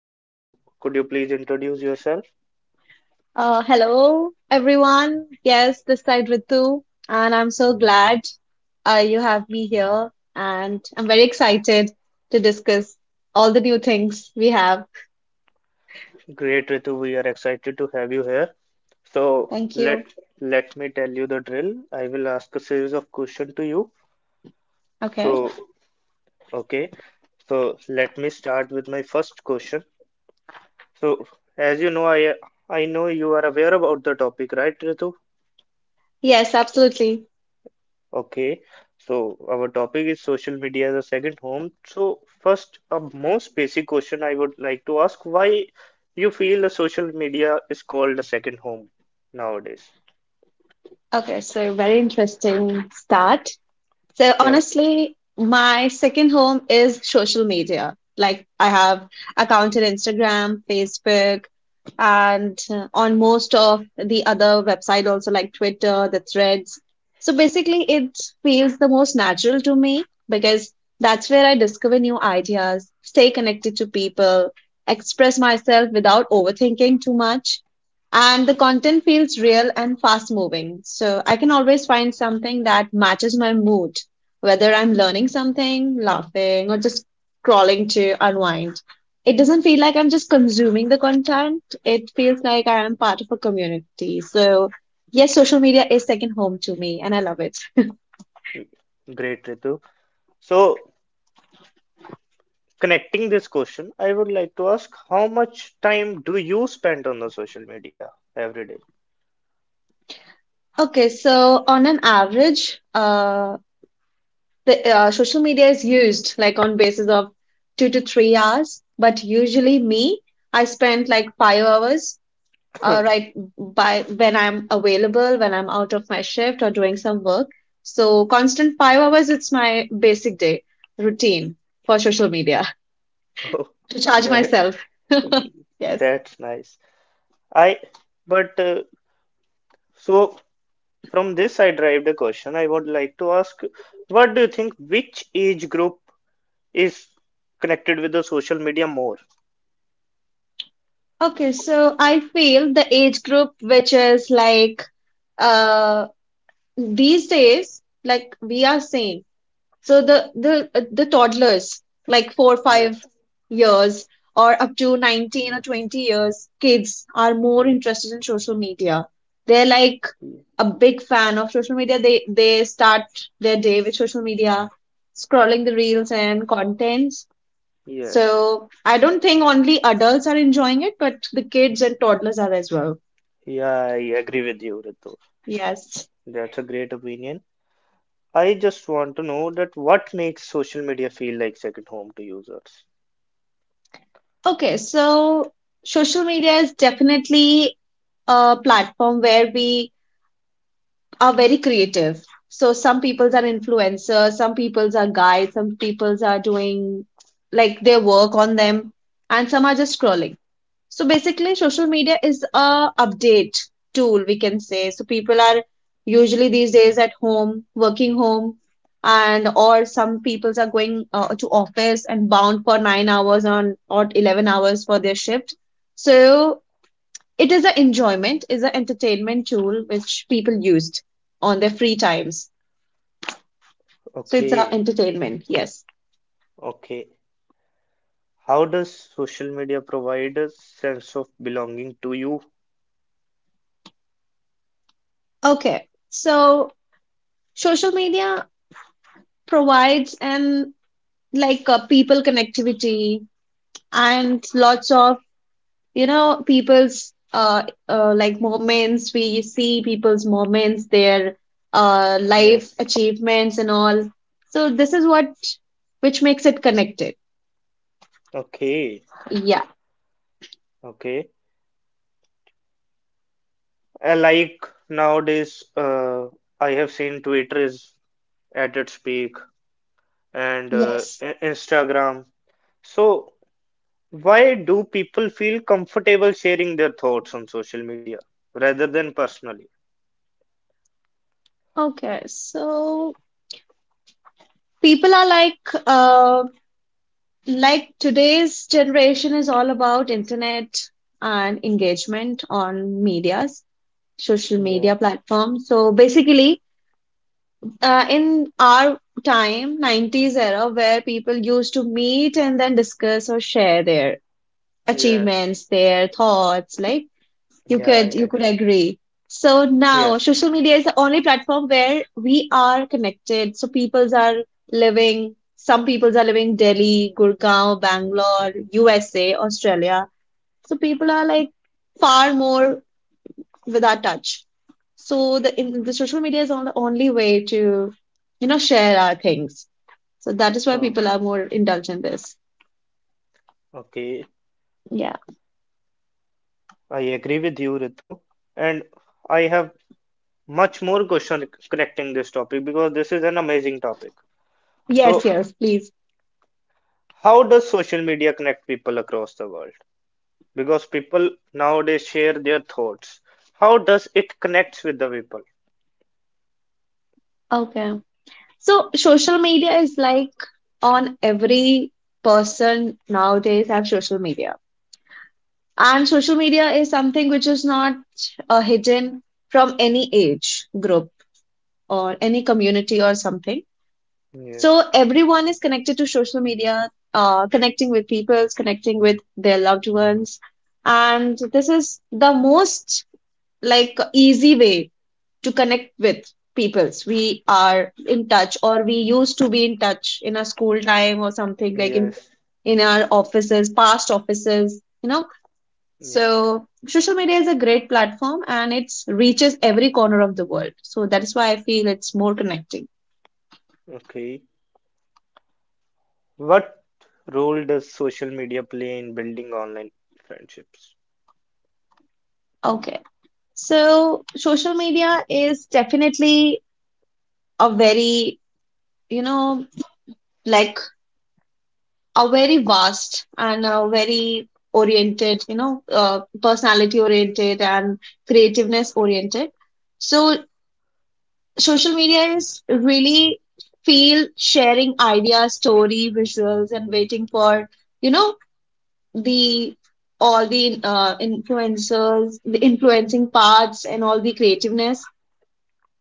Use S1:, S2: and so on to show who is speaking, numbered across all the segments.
S1: So, could you please introduce yourself?
S2: Hello, everyone. Yes, this side Ritu, and I'm so glad you have me here, and I'm very excited to discuss all the new things we have.
S1: Great, Ritu. We are excited to have you here. So,
S2: Thank you.
S1: let me tell you the drill. I will ask a series of questions to you.
S2: Okay.
S1: So, okay. So, let me start with my first question. So, as you know, I know you are aware about the topic, right, Ritu?
S2: Yes, absolutely.
S1: Okay. So, our topic is social media as a second home. So, first, a most basic question I would like to ask: Why you feel the social media is called a second home nowadays?
S2: Okay, so very interesting start. So
S1: Yes.
S2: honestly, my second home is social media. Like I have account on Instagram, Facebook, and on most of the other website also like Twitter, the threads. So basically it feels the most natural to me because that's where I discover new ideas, stay connected to people, express myself without overthinking too much. And the content feels real and fast moving. So I can always find something that matches my mood whether I'm learning something, laughing, or just scrolling to unwind. It doesn't feel like I'm just consuming the content. It feels like I am part of a community. So, yes, social media is second home to me, and I love it.
S1: Mm, great, Ritu. So, connecting this question, I would like to ask: How much time do you spend on the social media every day?
S2: Okay, so on an average, the social media is used like on basis of 2 to 3 hours, but usually me, I spend like 5 hours right by when I'm available, when I'm out of my shift or doing some work. So constant 5 hours, it's my basic day routine for social media
S1: Oh,
S2: to charge
S1: that
S2: myself. Yes.
S1: that's nice. I but so from this I derived a question I would like to ask, what do you think which age group is connected with the social media more?
S2: Okay, so I feel the age group which is like uh these days like we are same. So the toddlers, like four five
S1: Yes.
S2: years or up to 19 or 20 years, kids are more
S1: Ye-
S2: interested in social media. They're like
S1: ye-
S2: a big fan of social media. They start their day with social media, scrolling the reels and contents.
S1: Yes.
S2: So I don't think only adults are enjoying it, but the kids and toddlers are as well.
S1: Yeah, I agree with you, Ritu.
S2: Yes.
S1: That's a great opinion. I just want to know that what makes social media feel like second home to users.
S2: Okay, so social media is definitely a platform where we are very creative. So some peoples are influencers, some peoples are guides, some peoples are doing like their work on them, and some are just scrolling. So basically, social media is a update tool we can say. So people are usually these days at home, working home, and or some peoples are going to office and bound for 9 hours on or 11 hours for their shift. So it is an enjoyment, is an entertainment tool which people used on their free times. So it's an
S1: Okay,
S2: entertainment, yes.
S1: okay. How does social media provide a sense of belonging to you?
S2: Okay. So social media provides an like people connectivity and lots of you know people's like moments, we see people's moments, their life
S1: Yes.
S2: achievements and all, so this is what which makes it connected,
S1: Okay,
S2: yeah.
S1: okay. Like nowadays, I have seen Twitter is at its peak and
S2: Yes,
S1: Instagram. So, why do people feel comfortable sharing their thoughts on social media rather than personally?
S2: okay, so people are like today's generation is all about internet and engagement on medias social
S1: Yeah.
S2: media platforms. So basically, in our time 90s era where people used to meet and then discuss or share their
S1: Yes,
S2: achievements, their thoughts, like you
S1: yeah, I
S2: could you could
S1: agree.
S2: agree. So now
S1: Yes,
S2: social media is the only platform where we are connected. So peoples are living, some peoples are living Delhi, Gurgaon, Bangalore, USA, Australia. So people are like far more with our touch. So the in, the social media is on the only way to, you know, share our things. So that is why
S1: so
S2: people are more indulgent in this.
S1: okay,
S2: Yeah.
S1: I agree with you, Ritu. And I have much more question connecting this topic because this is an amazing topic.
S2: Yes,
S1: So,
S2: yes, please.
S1: how does social media connect people across the world? Because people nowadays share their thoughts. How does it connects with the people?
S2: Okay. So social media is like on every person nowadays have social media. And social media is something which is not hidden from any age group or any community or something. So
S1: Yes,
S2: everyone is connected to social media, connecting with people, connecting with their loved ones. And this is the most like easy way to connect with peoples we are in touch or we used to be in touch in our school time or something, like in
S1: yes,
S2: in our offices, past offices, you know.
S1: yes.
S2: So social media is a great platform and it reaches every corner of the world, so that's why I feel it's more connecting.
S1: Okay. What role does social media play in building online friendships?
S2: Okay, so social media is definitely a very, you know, like a very vast and a very oriented, you know, personality oriented and creativeness oriented. So social media is really feel sharing ideas, story, visuals, and waiting for, you know, the all the influencers, the influencing parts, and all the creativeness.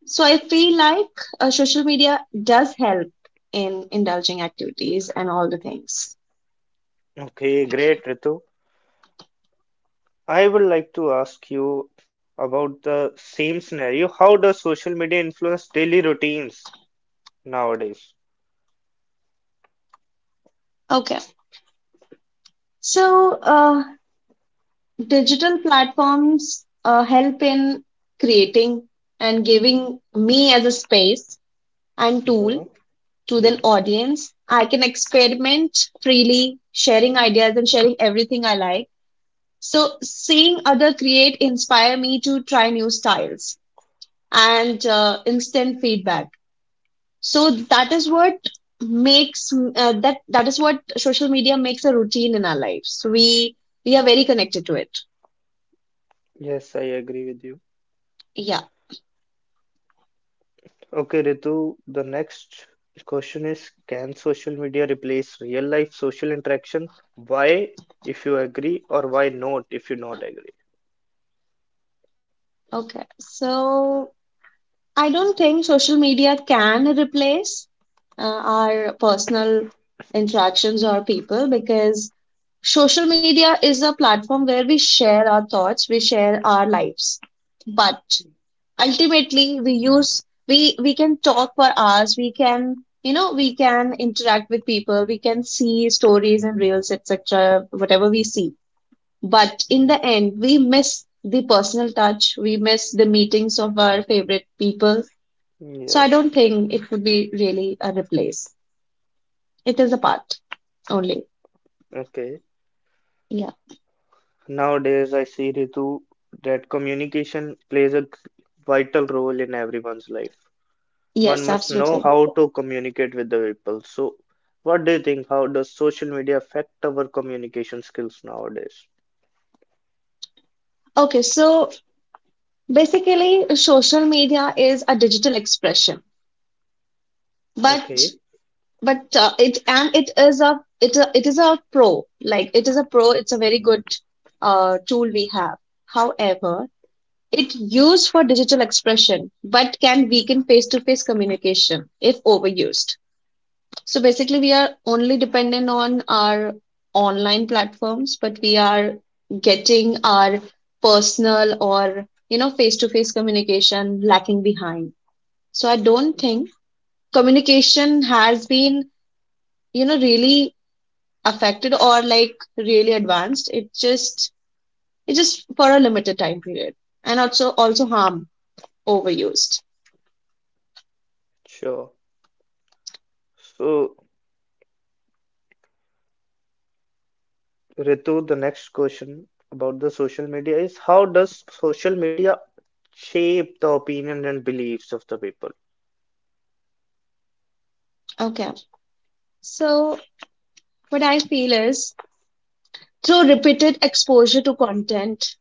S2: So I feel like social media does help in indulging activities and all the things.
S1: Okay, great, Ritu. I would like to ask you about the same scenario. How does social media influence daily routines nowadays?
S2: Okay. So, digital platforms help in creating and giving me as a space and tool
S1: Yeah,
S2: to
S1: yeah.
S2: the audience. I can experiment freely, sharing ideas and sharing everything I like. So seeing other create inspire me to try new styles and instant feedback. So that is what makes that is what social media makes a routine in our lives. We are very connected to it.
S1: Yes, I agree with you.
S2: Yeah.
S1: Okay, Ritu, the next question is, can social media replace real life social interaction? Why, if you agree, or why not, if you not agree?
S2: Okay, so I don't think social media can replace our personal interactions or people because social media is a platform where we share our thoughts, we share our lives. But ultimately, we use we can talk for hours, we can, you know, we can interact with people, we can see stories and reels, etc. Whatever we see. But in the
S1: Yes.
S2: end, we miss the personal touch, we miss the meetings of our favorite people. So I
S1: Yes.
S2: don't think it would be really a replace. It is a part only.
S1: Okay.
S2: Yeah.
S1: Nowadays, I see, Ritu, that communication plays a vital role in everyone's life. One
S2: Yes,
S1: must know
S2: absolutely.
S1: how to communicate with the people. So, what do you think? How does social media affect our communication skills nowadays?
S2: Okay, so basically social media is a digital expression, but
S1: Okay,
S2: but it and it is a, it is a pro. Like it is a pro, it's a very good tool we have. However, it used for digital expression, but can weaken face-to-face communication if overused. So basically, we are only dependent on our online platforms, but we are getting our personal or, you know, face-to-face communication lacking behind. So I don't think communication has been, you know, really affected or like really advanced. It just for a limited time period and also harm overused.
S1: sure. So, Ritu, the next question about the social media is, how does social media shape the opinion and beliefs of the people?
S2: Okay. So, what I feel is through repeated exposure to content,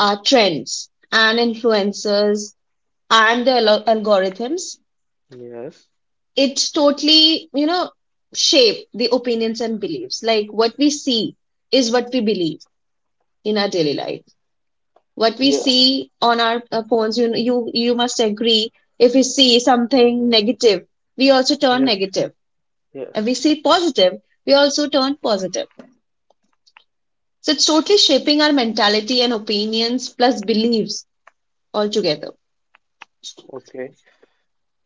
S2: trends, and influencers and the algorithms,
S1: Yes,
S2: it totally, you know, shape the opinions and beliefs. Like what we see is what we believe in our daily life. What we
S1: yeah,
S2: see on our phones, you must agree. If we see something negative, we also turn
S1: yes,
S2: negative. If
S1: yes.
S2: we see positive, we also turn positive. So it's totally shaping our mentality and opinions plus beliefs altogether.
S1: Okay.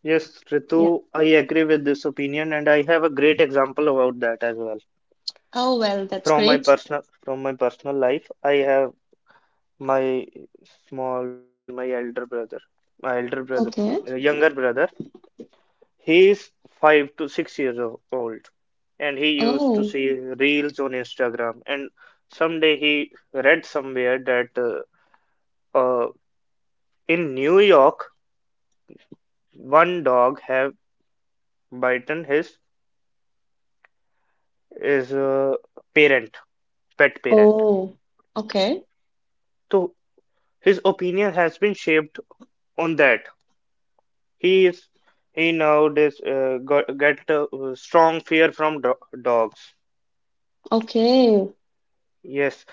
S1: Yes,
S2: Yeah.
S1: Ritu, I agree with this opinion and I have a great example about that as well.
S2: Oh, well, that's great.
S1: From my personal life, I have my small brother, my elder brother, my elder brother,
S2: Okay.
S1: not younger brother. He is 5 to 6 years old, and he used to
S2: Oh,
S1: see reels on Instagram. And someday he read somewhere that uh, in New York, one dog have bitten his parent, pet parent.
S2: oh, okay.
S1: So his opinion has been shaped on that. He is he nowadays got get a strong fear from do dogs.
S2: Okay.
S1: Yes.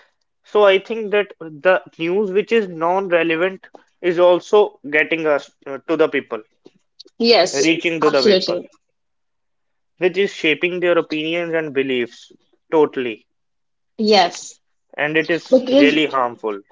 S1: So I think that the news which is non-relevant is also getting us to the people,
S2: Yes,
S1: reaching to the people,
S2: absolutely.
S1: which is shaping their opinions and beliefs totally.
S2: Yes.
S1: And it is
S2: Because
S1: really harmful,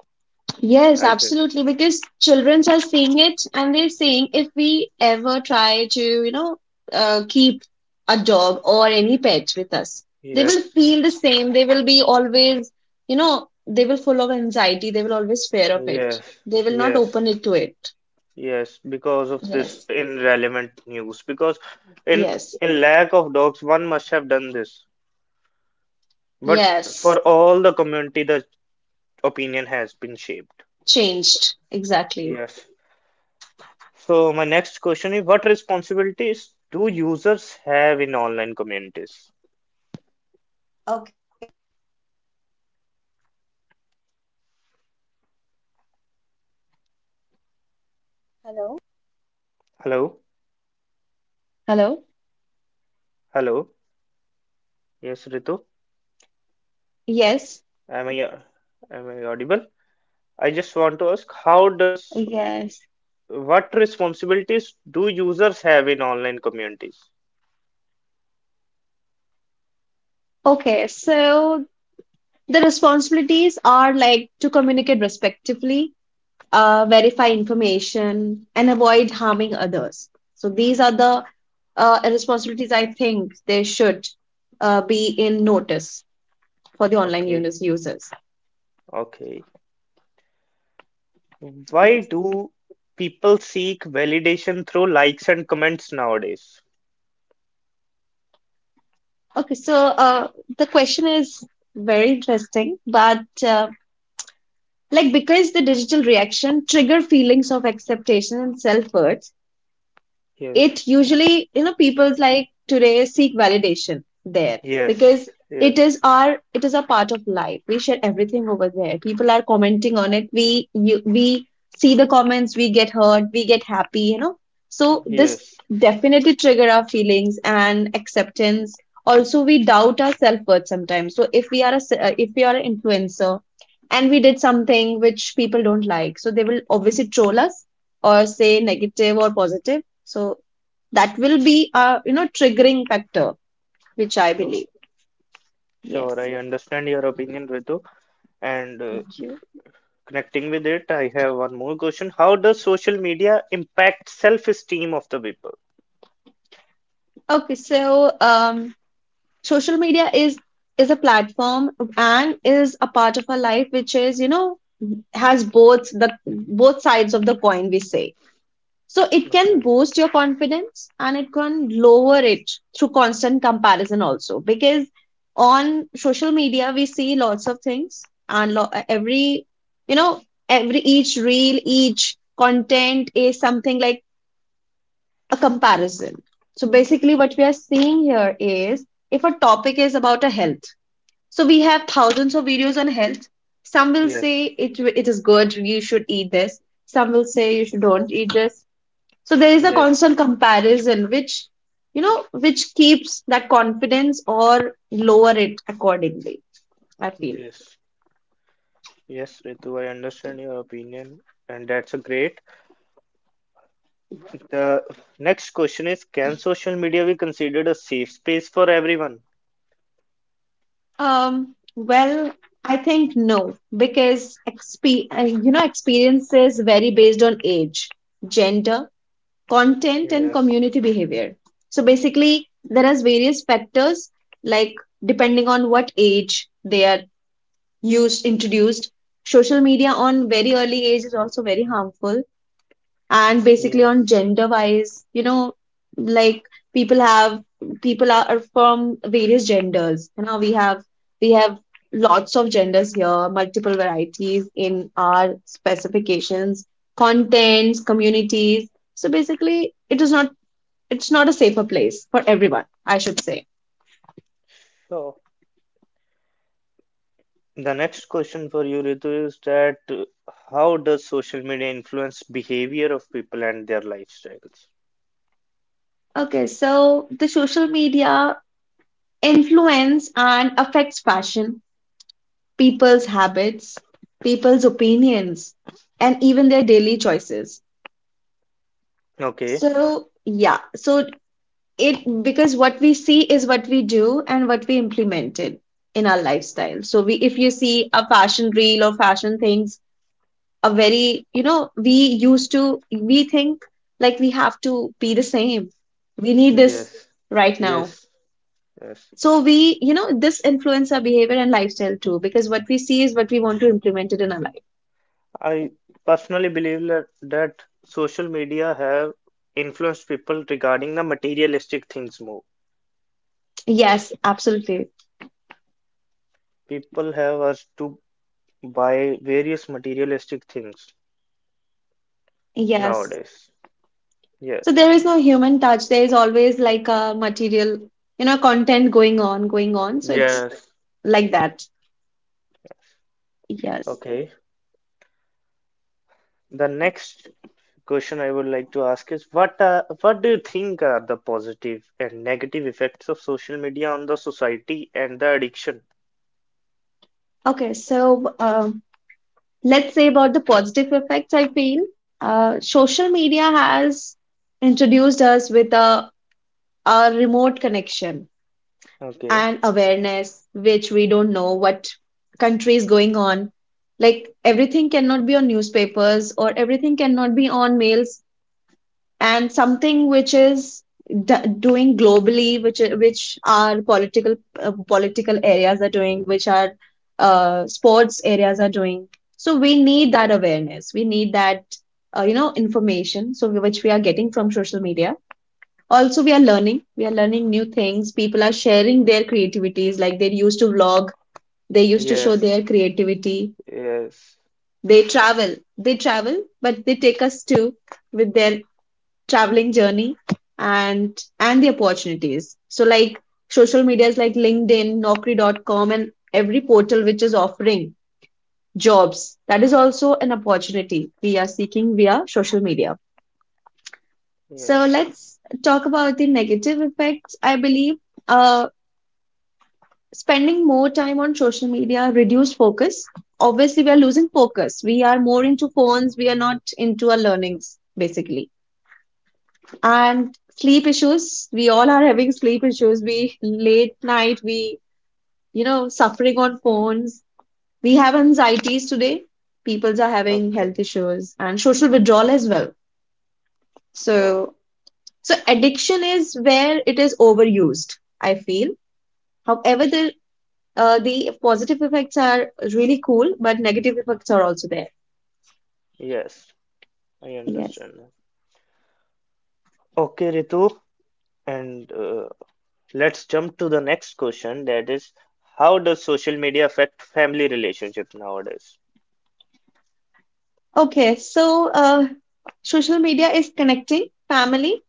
S2: yes,
S1: I think.
S2: absolutely. Because children are seeing it and they're saying if we ever try to, you know, keep a dog or any pet with us, they will
S1: Yes,
S2: feel the same. They will be always, you know, they will full of anxiety. They will always fear of it.
S1: yes,
S2: They will not
S1: yes,
S2: open it to it.
S1: yes, because of this
S2: Yes,
S1: irrelevant news. Because in
S2: yes,
S1: in lack of dogs, one must have done this. But for
S2: yes.
S1: all the community, the opinion has been shaped.
S2: Changed. Exactly.
S1: Yes. So my next question is, what responsibilities do users have in online communities? Hello? Hello? Yes, Ritu.
S3: Yes,
S1: Am I am I audible? I just want to ask
S3: yes.
S1: how does what responsibilities do users have in online communities?
S3: Okay, so the responsibilities are like to communicate respectfully, verify information, and avoid harming others. So these are the responsibilities I think they should be in notice for the online users.
S1: Okay. Okay.
S3: Yes.
S1: Why do people seek validation through likes and comments nowadays?
S3: Okay, so the question is very interesting, but like because the digital reaction trigger feelings of acceptance and self-worth.
S1: Yes.
S3: It usually, you know, people's like today seek validation there
S1: Yes.
S3: because
S1: Yes.
S3: it is a part of life. We share everything over there. People are commenting on it. We see the comments. We get hurt. We get happy. You know, so this
S1: Yes.
S3: definitely trigger our feelings and acceptance. Also, we doubt our self worth sometimes. So if we are a if we are an influencer and we did something which people don't like, so they will obviously troll us or say negative or positive. So that will be a, you know, triggering factor which I
S1: Sure.
S3: believe.
S1: Sure,
S3: Yes.
S1: I understand your opinion, Ritu. And
S3: Thank you.
S1: connecting with it, I have one more question. How does social media impact self-esteem of the people?
S3: Okay, so social media is a platform and is a part of our life which, is you know, has both sides of the coin, we say. So it can
S1: Okay.
S3: boost your confidence and it can lower it through constant comparison also. Because on social media, we see lots of things and every, you know, every each reel, each content is something like a comparison. So basically, what we are seeing here is, if a topic is about a health, so we have thousands of videos on health. Some will say
S1: Yes.
S3: it is good, you should eat this. Some will say you should don't eat this. So there is a
S1: Yes.
S3: constant comparison which, you know, which keeps that confidence or lower it accordingly, I feel.
S1: Yes. Yes, Ritu, I understand your opinion, and that's a great. The next question is, can social media be considered a safe space for everyone?
S3: Well, I think no, because you know, experiences vary based on age, gender, content, and
S1: Yes.
S3: community behavior. So basically, there are various factors like depending on what age they are used, introduced. Social media on very early age is also very harmful, and basically
S1: Yes.
S3: on gender wise, you know, like people have, people are from various genders. You know, we have, we have lots of genders here, multiple varieties in our specifications, contents, communities. So basically it is not, it's not a safer place for everyone, I should say.
S1: So the next question for you, Ritu, is that how does social media influence behavior of people and their lifestyles?
S3: Okay, so the social media influence and affects fashion, people's habits, people's opinions, and even their daily choices.
S1: Okay.
S3: So, yeah, so it, because what we see is what we do and what we implement it in our lifestyle. So, we, if you see a fashion reel or fashion things, a very, you know, we used to we think like we have to be the same, we need this
S1: Yes,
S3: right now.
S1: yes, yes.
S3: So, we, you know, this influence our behavior and lifestyle too, because what we see is what we want to implement it in our life.
S1: I personally believe that social media have influenced people regarding the materialistic things more.
S3: Yes, absolutely.
S1: People have us to buy various materialistic things
S3: Yes.
S1: nowadays.
S3: So
S1: Yes.
S3: there is no human touch. There is always like a material, you know, content going on, going on. So it's
S1: Yes.
S3: like that. Yes.
S1: Okay. The next question I would like to ask is what do you think are the positive and negative effects of social media on the society and the addiction?
S3: Okay. So let's say about the positive effects, I feel. Social media has introduced us with a remote connection
S1: Okay.
S3: and awareness, which we don't know what country is going on. Like everything cannot be on newspapers or everything cannot be on mails, and something which is doing globally, which our political political areas are doing, which are sports areas are doing. So we need that
S1: Yeah.
S3: awareness. We need that you know, information. So which we are getting from social media. Also, we are learning. We are learning new things. People are sharing their creativities. Like they used to vlog. They used to show
S1: Yes.
S3: their creativity.
S1: Yes,
S3: They travel. They travel, but they take us too with their traveling journey, and the opportunities. So like social medias like LinkedIn, naukri.com, and every portal which is offering jobs, that is also an opportunity we are seeking via social media. So
S1: yes.
S3: let's talk about the negative effects, I believe. uh Spending more time on social media reduce focus. Obviously we are losing focus, we are more into phones, we are not into our learnings basically. And sleep issues, we all are having sleep issues. We late night, we, you know, suffering on phones. We have anxieties today. Peoples are having health
S1: Okay,
S3: issues and social withdrawal as well.
S1: sure.
S3: So, so addiction is where it is overused, I feel. However, the positive effects are really cool, but negative effects are also there.
S1: Yes, I
S3: Yes.
S1: understand now. Okay, Ritu, and let's jump to the next question, that is, how does social media affect family relationships nowadays?
S3: Okay, so social media is connecting family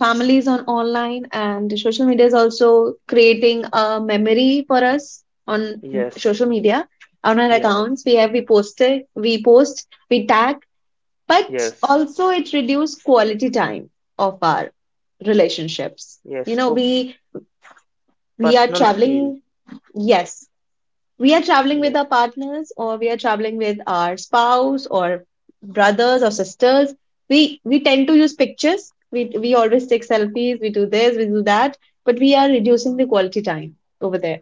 S3: families on online, and social media is also creating a memory for us on
S1: Yes,
S3: social media. On our
S1: yeah,
S3: accounts we have, we posted, we post, we tag, but
S1: yes,
S3: also it reduces quality time of our relationships. You
S1: yes,
S3: know,
S1: for
S3: we are
S1: personal
S3: traveling,
S1: feel.
S3: yes, we are traveling with
S1: Yes,
S3: our partners, or we are traveling with our spouse or brothers or sisters. We tend to use pictures, we always take selfies, we do this, we do that, but we are reducing the quality time over there.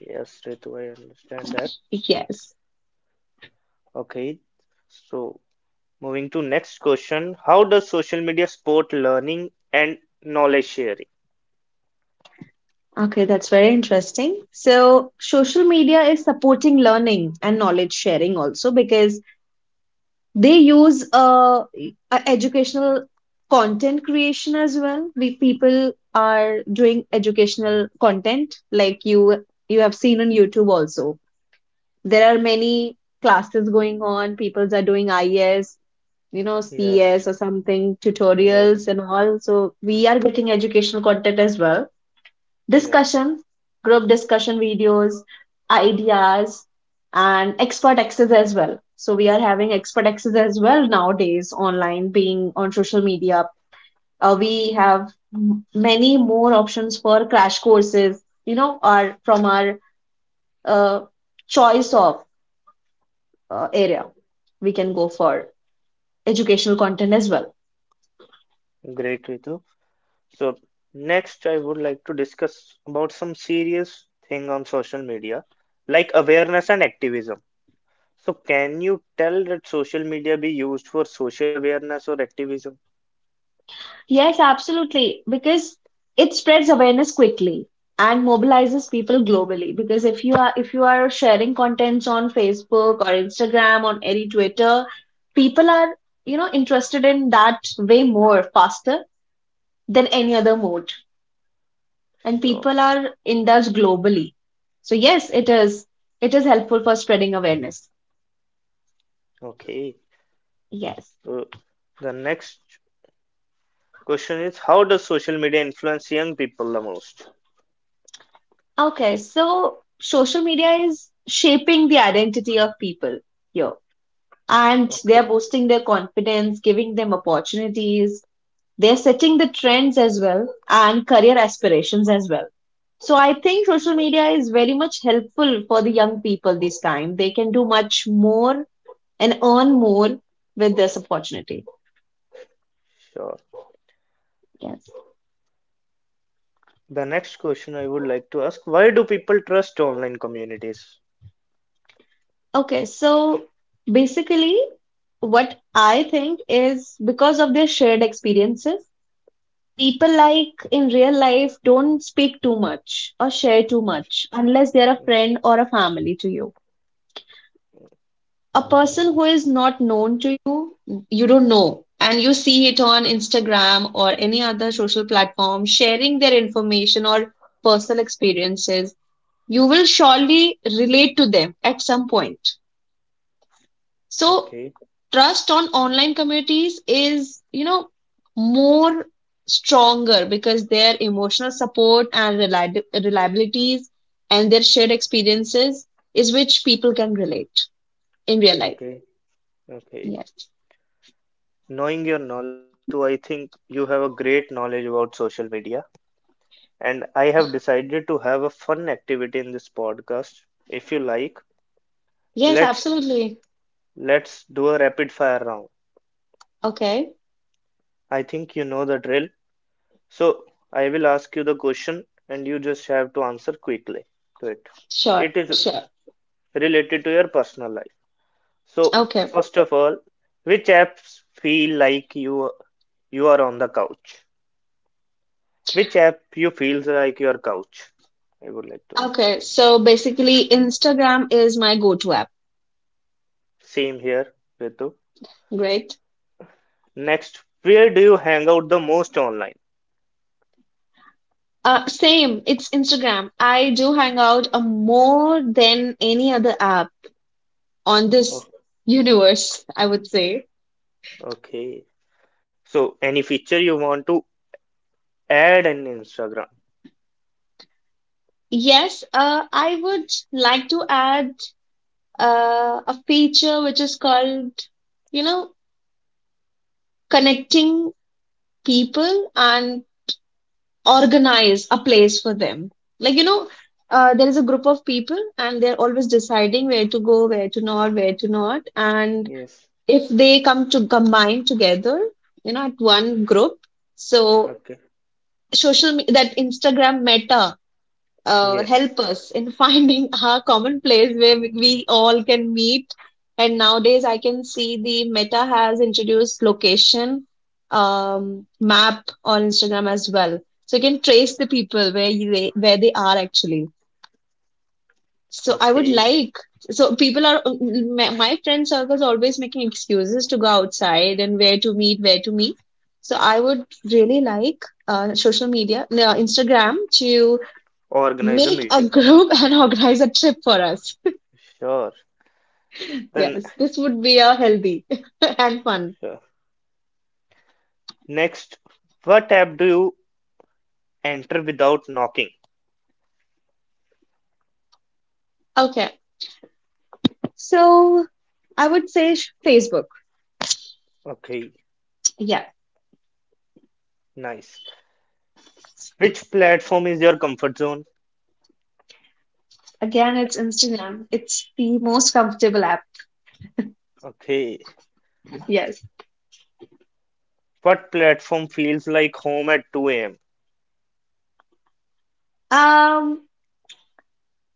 S1: yes, Ritu, I understand that.
S3: Yes.
S1: Okay, so moving to next question, how does social media support learning and knowledge sharing?
S3: Okay, that's very interesting. So social media is supporting learning and knowledge sharing also, because they use a educational content creation as well. We people are doing educational content, like you have seen on YouTube also. There are many classes going on. People are doing IS, you know,
S1: Yes,
S3: CS or something
S1: yes.
S3: tutorials and all. So we are getting educational content as well,
S1: Yes,
S3: discussions, group discussion videos, ideas, and expert access as well. So we are having expert access as well nowadays online, being on social media. We have many more options for crash courses, you know, are from our uh, choice of area. We can go for educational content as well.
S1: great, Ritu. So next, I would like to discuss about some serious thing on social media, like awareness and activism. So can you tell that social media be used for social awareness or activism?
S3: Yes, absolutely. Because it spreads awareness quickly and mobilizes people globally. Because if you are sharing contents on Facebook or Instagram or any Twitter, people are, you know, interested in that way more faster than any other mode. And
S1: Sure.
S3: people are indulged globally. So yes, it is, it is helpful for spreading awareness.
S1: Okay.
S3: Yes.
S1: So the next question is, how does social media influence young people the most?
S3: Okay, so social media is shaping the identity of people here, and they're
S1: Okay.
S3: boosting their confidence, giving them opportunities. They're setting the trends as well and career aspirations as well. So I think social media is very much helpful for the young people this time. They can do much more and earn more with this opportunity.
S1: Sure.
S3: Yes.
S1: The next question I would like to ask, why do people trust online communities?
S3: Okay. So basically, what I think is because of their shared experiences, people like in real life don't speak too much or share too
S1: Yes.
S3: much unless they're a
S1: Mm.
S3: friend or a family to you. A person who is not known to you, you don't know, and you see it on Instagram or any other social platform sharing their information or personal experiences, you will surely relate to them at some point. So
S1: Okay.
S3: trust on online communities is, you know, more stronger because their emotional support and reliabilities and their shared experiences is which people can relate in real life.
S1: Okay. Okay.
S3: Yes.
S1: Knowing your knowledge, Ritu, I think you have a great knowledge about social media, and I have decided to have a fun activity in this podcast. If you like,
S3: Yes,
S1: let's
S3: absolutely.
S1: let's do a rapid fire round.
S3: Okay.
S1: I think you know the drill. So I will ask you the question, and you just have to answer quickly to it.
S3: Sure.
S1: It is
S3: Sure.
S1: related to your personal life. So
S3: Okay.
S1: first of all, which apps feel like you are on the couch? Which app you feels like your couch? I would like to ask.
S3: Okay. So basically, Instagram is my go-to app.
S1: Same here, Ritu.
S3: Great.
S1: Next, where do you hang out the most online?
S3: Same. It's Instagram. I do hang out more than any other app on
S1: Oh,
S3: this universe, I would say.
S1: okay. So, any feature you want to add in Instagram?
S3: Yes, I would like to add a feature which is called, you know, connecting people and organize a place for them. Like, you know, there is a group of people and they're always deciding where to go, where to not, where to not. And
S1: Yes.
S3: if they come to combine together, you know, at one group, so
S1: Okay.
S3: social me- that Instagram Meta
S1: Yes.
S3: help us in finding our common place where we all can meet. And nowadays, I can see the Meta has introduced location map on Instagram as well, so you can trace the people where where they are actually. So I would
S1: Okay.
S3: like, so people are, my friend circle is always making excuses to go outside and where to meet, where to meet. So I would really like social media, no, Instagram to
S1: Organize a
S3: make a
S1: meeting.
S3: group and organize a trip for us.
S1: Sure. Then,
S3: Yes, this would be a healthy and fun.
S1: sure. Next, what app do you enter without knocking?
S3: Okay, so I would say Facebook.
S1: Okay.
S3: Yeah,
S1: Nice. Which platform is your comfort zone?
S3: again, it's Instagram. It's the most comfortable app.
S1: Okay.
S3: Yes.
S1: What platform feels like home at 2 a.m.?
S3: Um,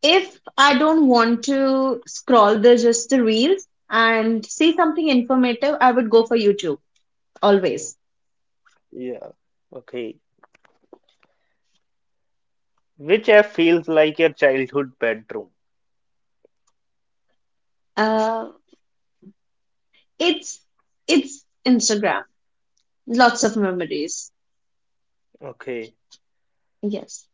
S3: if I don't want to scroll the just the reels and see something informative, I would go for YouTube always.
S1: Yeah. Okay. Which app feels like your childhood bedroom?
S3: Uh, it's it's Instagram. Lots of memories.
S1: Okay.
S3: Yes.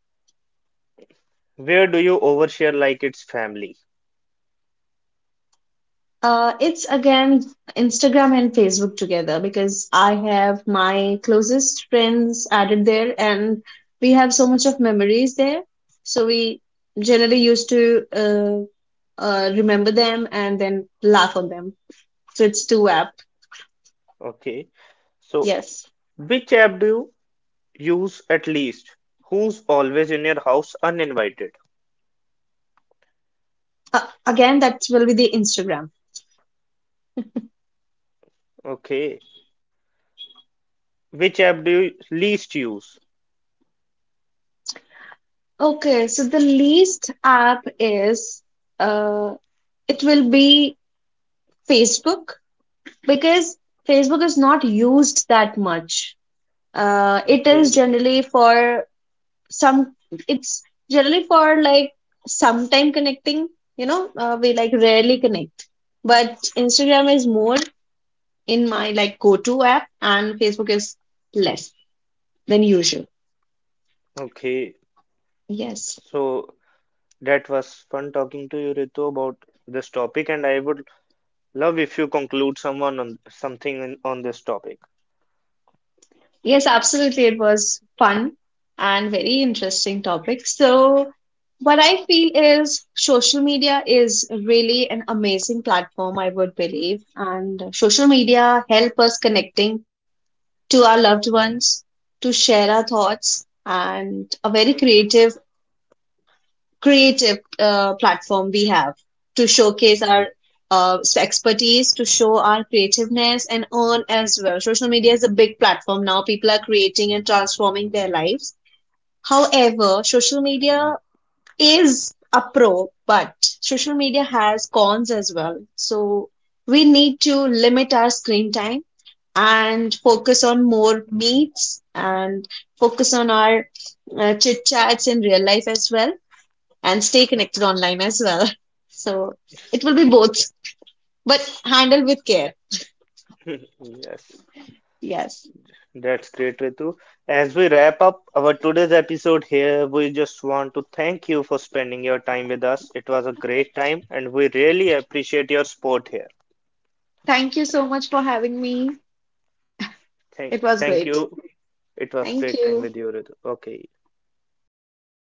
S1: Where do you overshare like it's family?
S3: It's again Instagram and Facebook together, because I have my closest friends added there, and we have so much of memories there. So we generally used to remember them and then laugh on them. So it's two app.
S1: Okay. So,
S3: Yes.
S1: which app do you use at least? Who's always in your house uninvited?
S3: Uh, Again, that will be the Instagram.
S1: Okay. Which app do you least use?
S3: Okay. So the least app is uh, it will be Facebook, because Facebook is not used that much. It is
S1: Okay.
S3: generally for some, it's generally for like sometime connecting, you know, we like rarely connect. But Instagram is more in my like go-to app, and Facebook is less than usual.
S1: Okay.
S3: Yes.
S1: So, that was fun talking to you, Ritu, about this topic, and I would love if you conclude someone on something in, on this topic.
S3: Yes, absolutely. It was fun and very interesting topic. So, what I feel is social media is really an amazing platform, I would believe. And social media help us connecting to our loved ones, to share our thoughts, and a very creative, creative platform we have to showcase our expertise, to show our creativeness, and earn as well. Social media is a big platform now. People are creating and transforming their lives. However, social media is a pro, but social media has cons as well. So we need to limit our screen time and focus on more meets and focus on our chit chats in real life as well, and stay connected online as well. So it will be both, but handle with care.
S1: Yes,
S3: Yes.
S1: that's great, Ritu. As we wrap up our today's episode here, we just want to thank you for spending your time with us. It was a great time, and we really appreciate your support here.
S3: Thank you. It was
S1: Thank
S3: great.
S1: you. It was
S3: Thank
S1: great time
S3: you.
S1: with you, Ritu. Okay.
S3: Okay.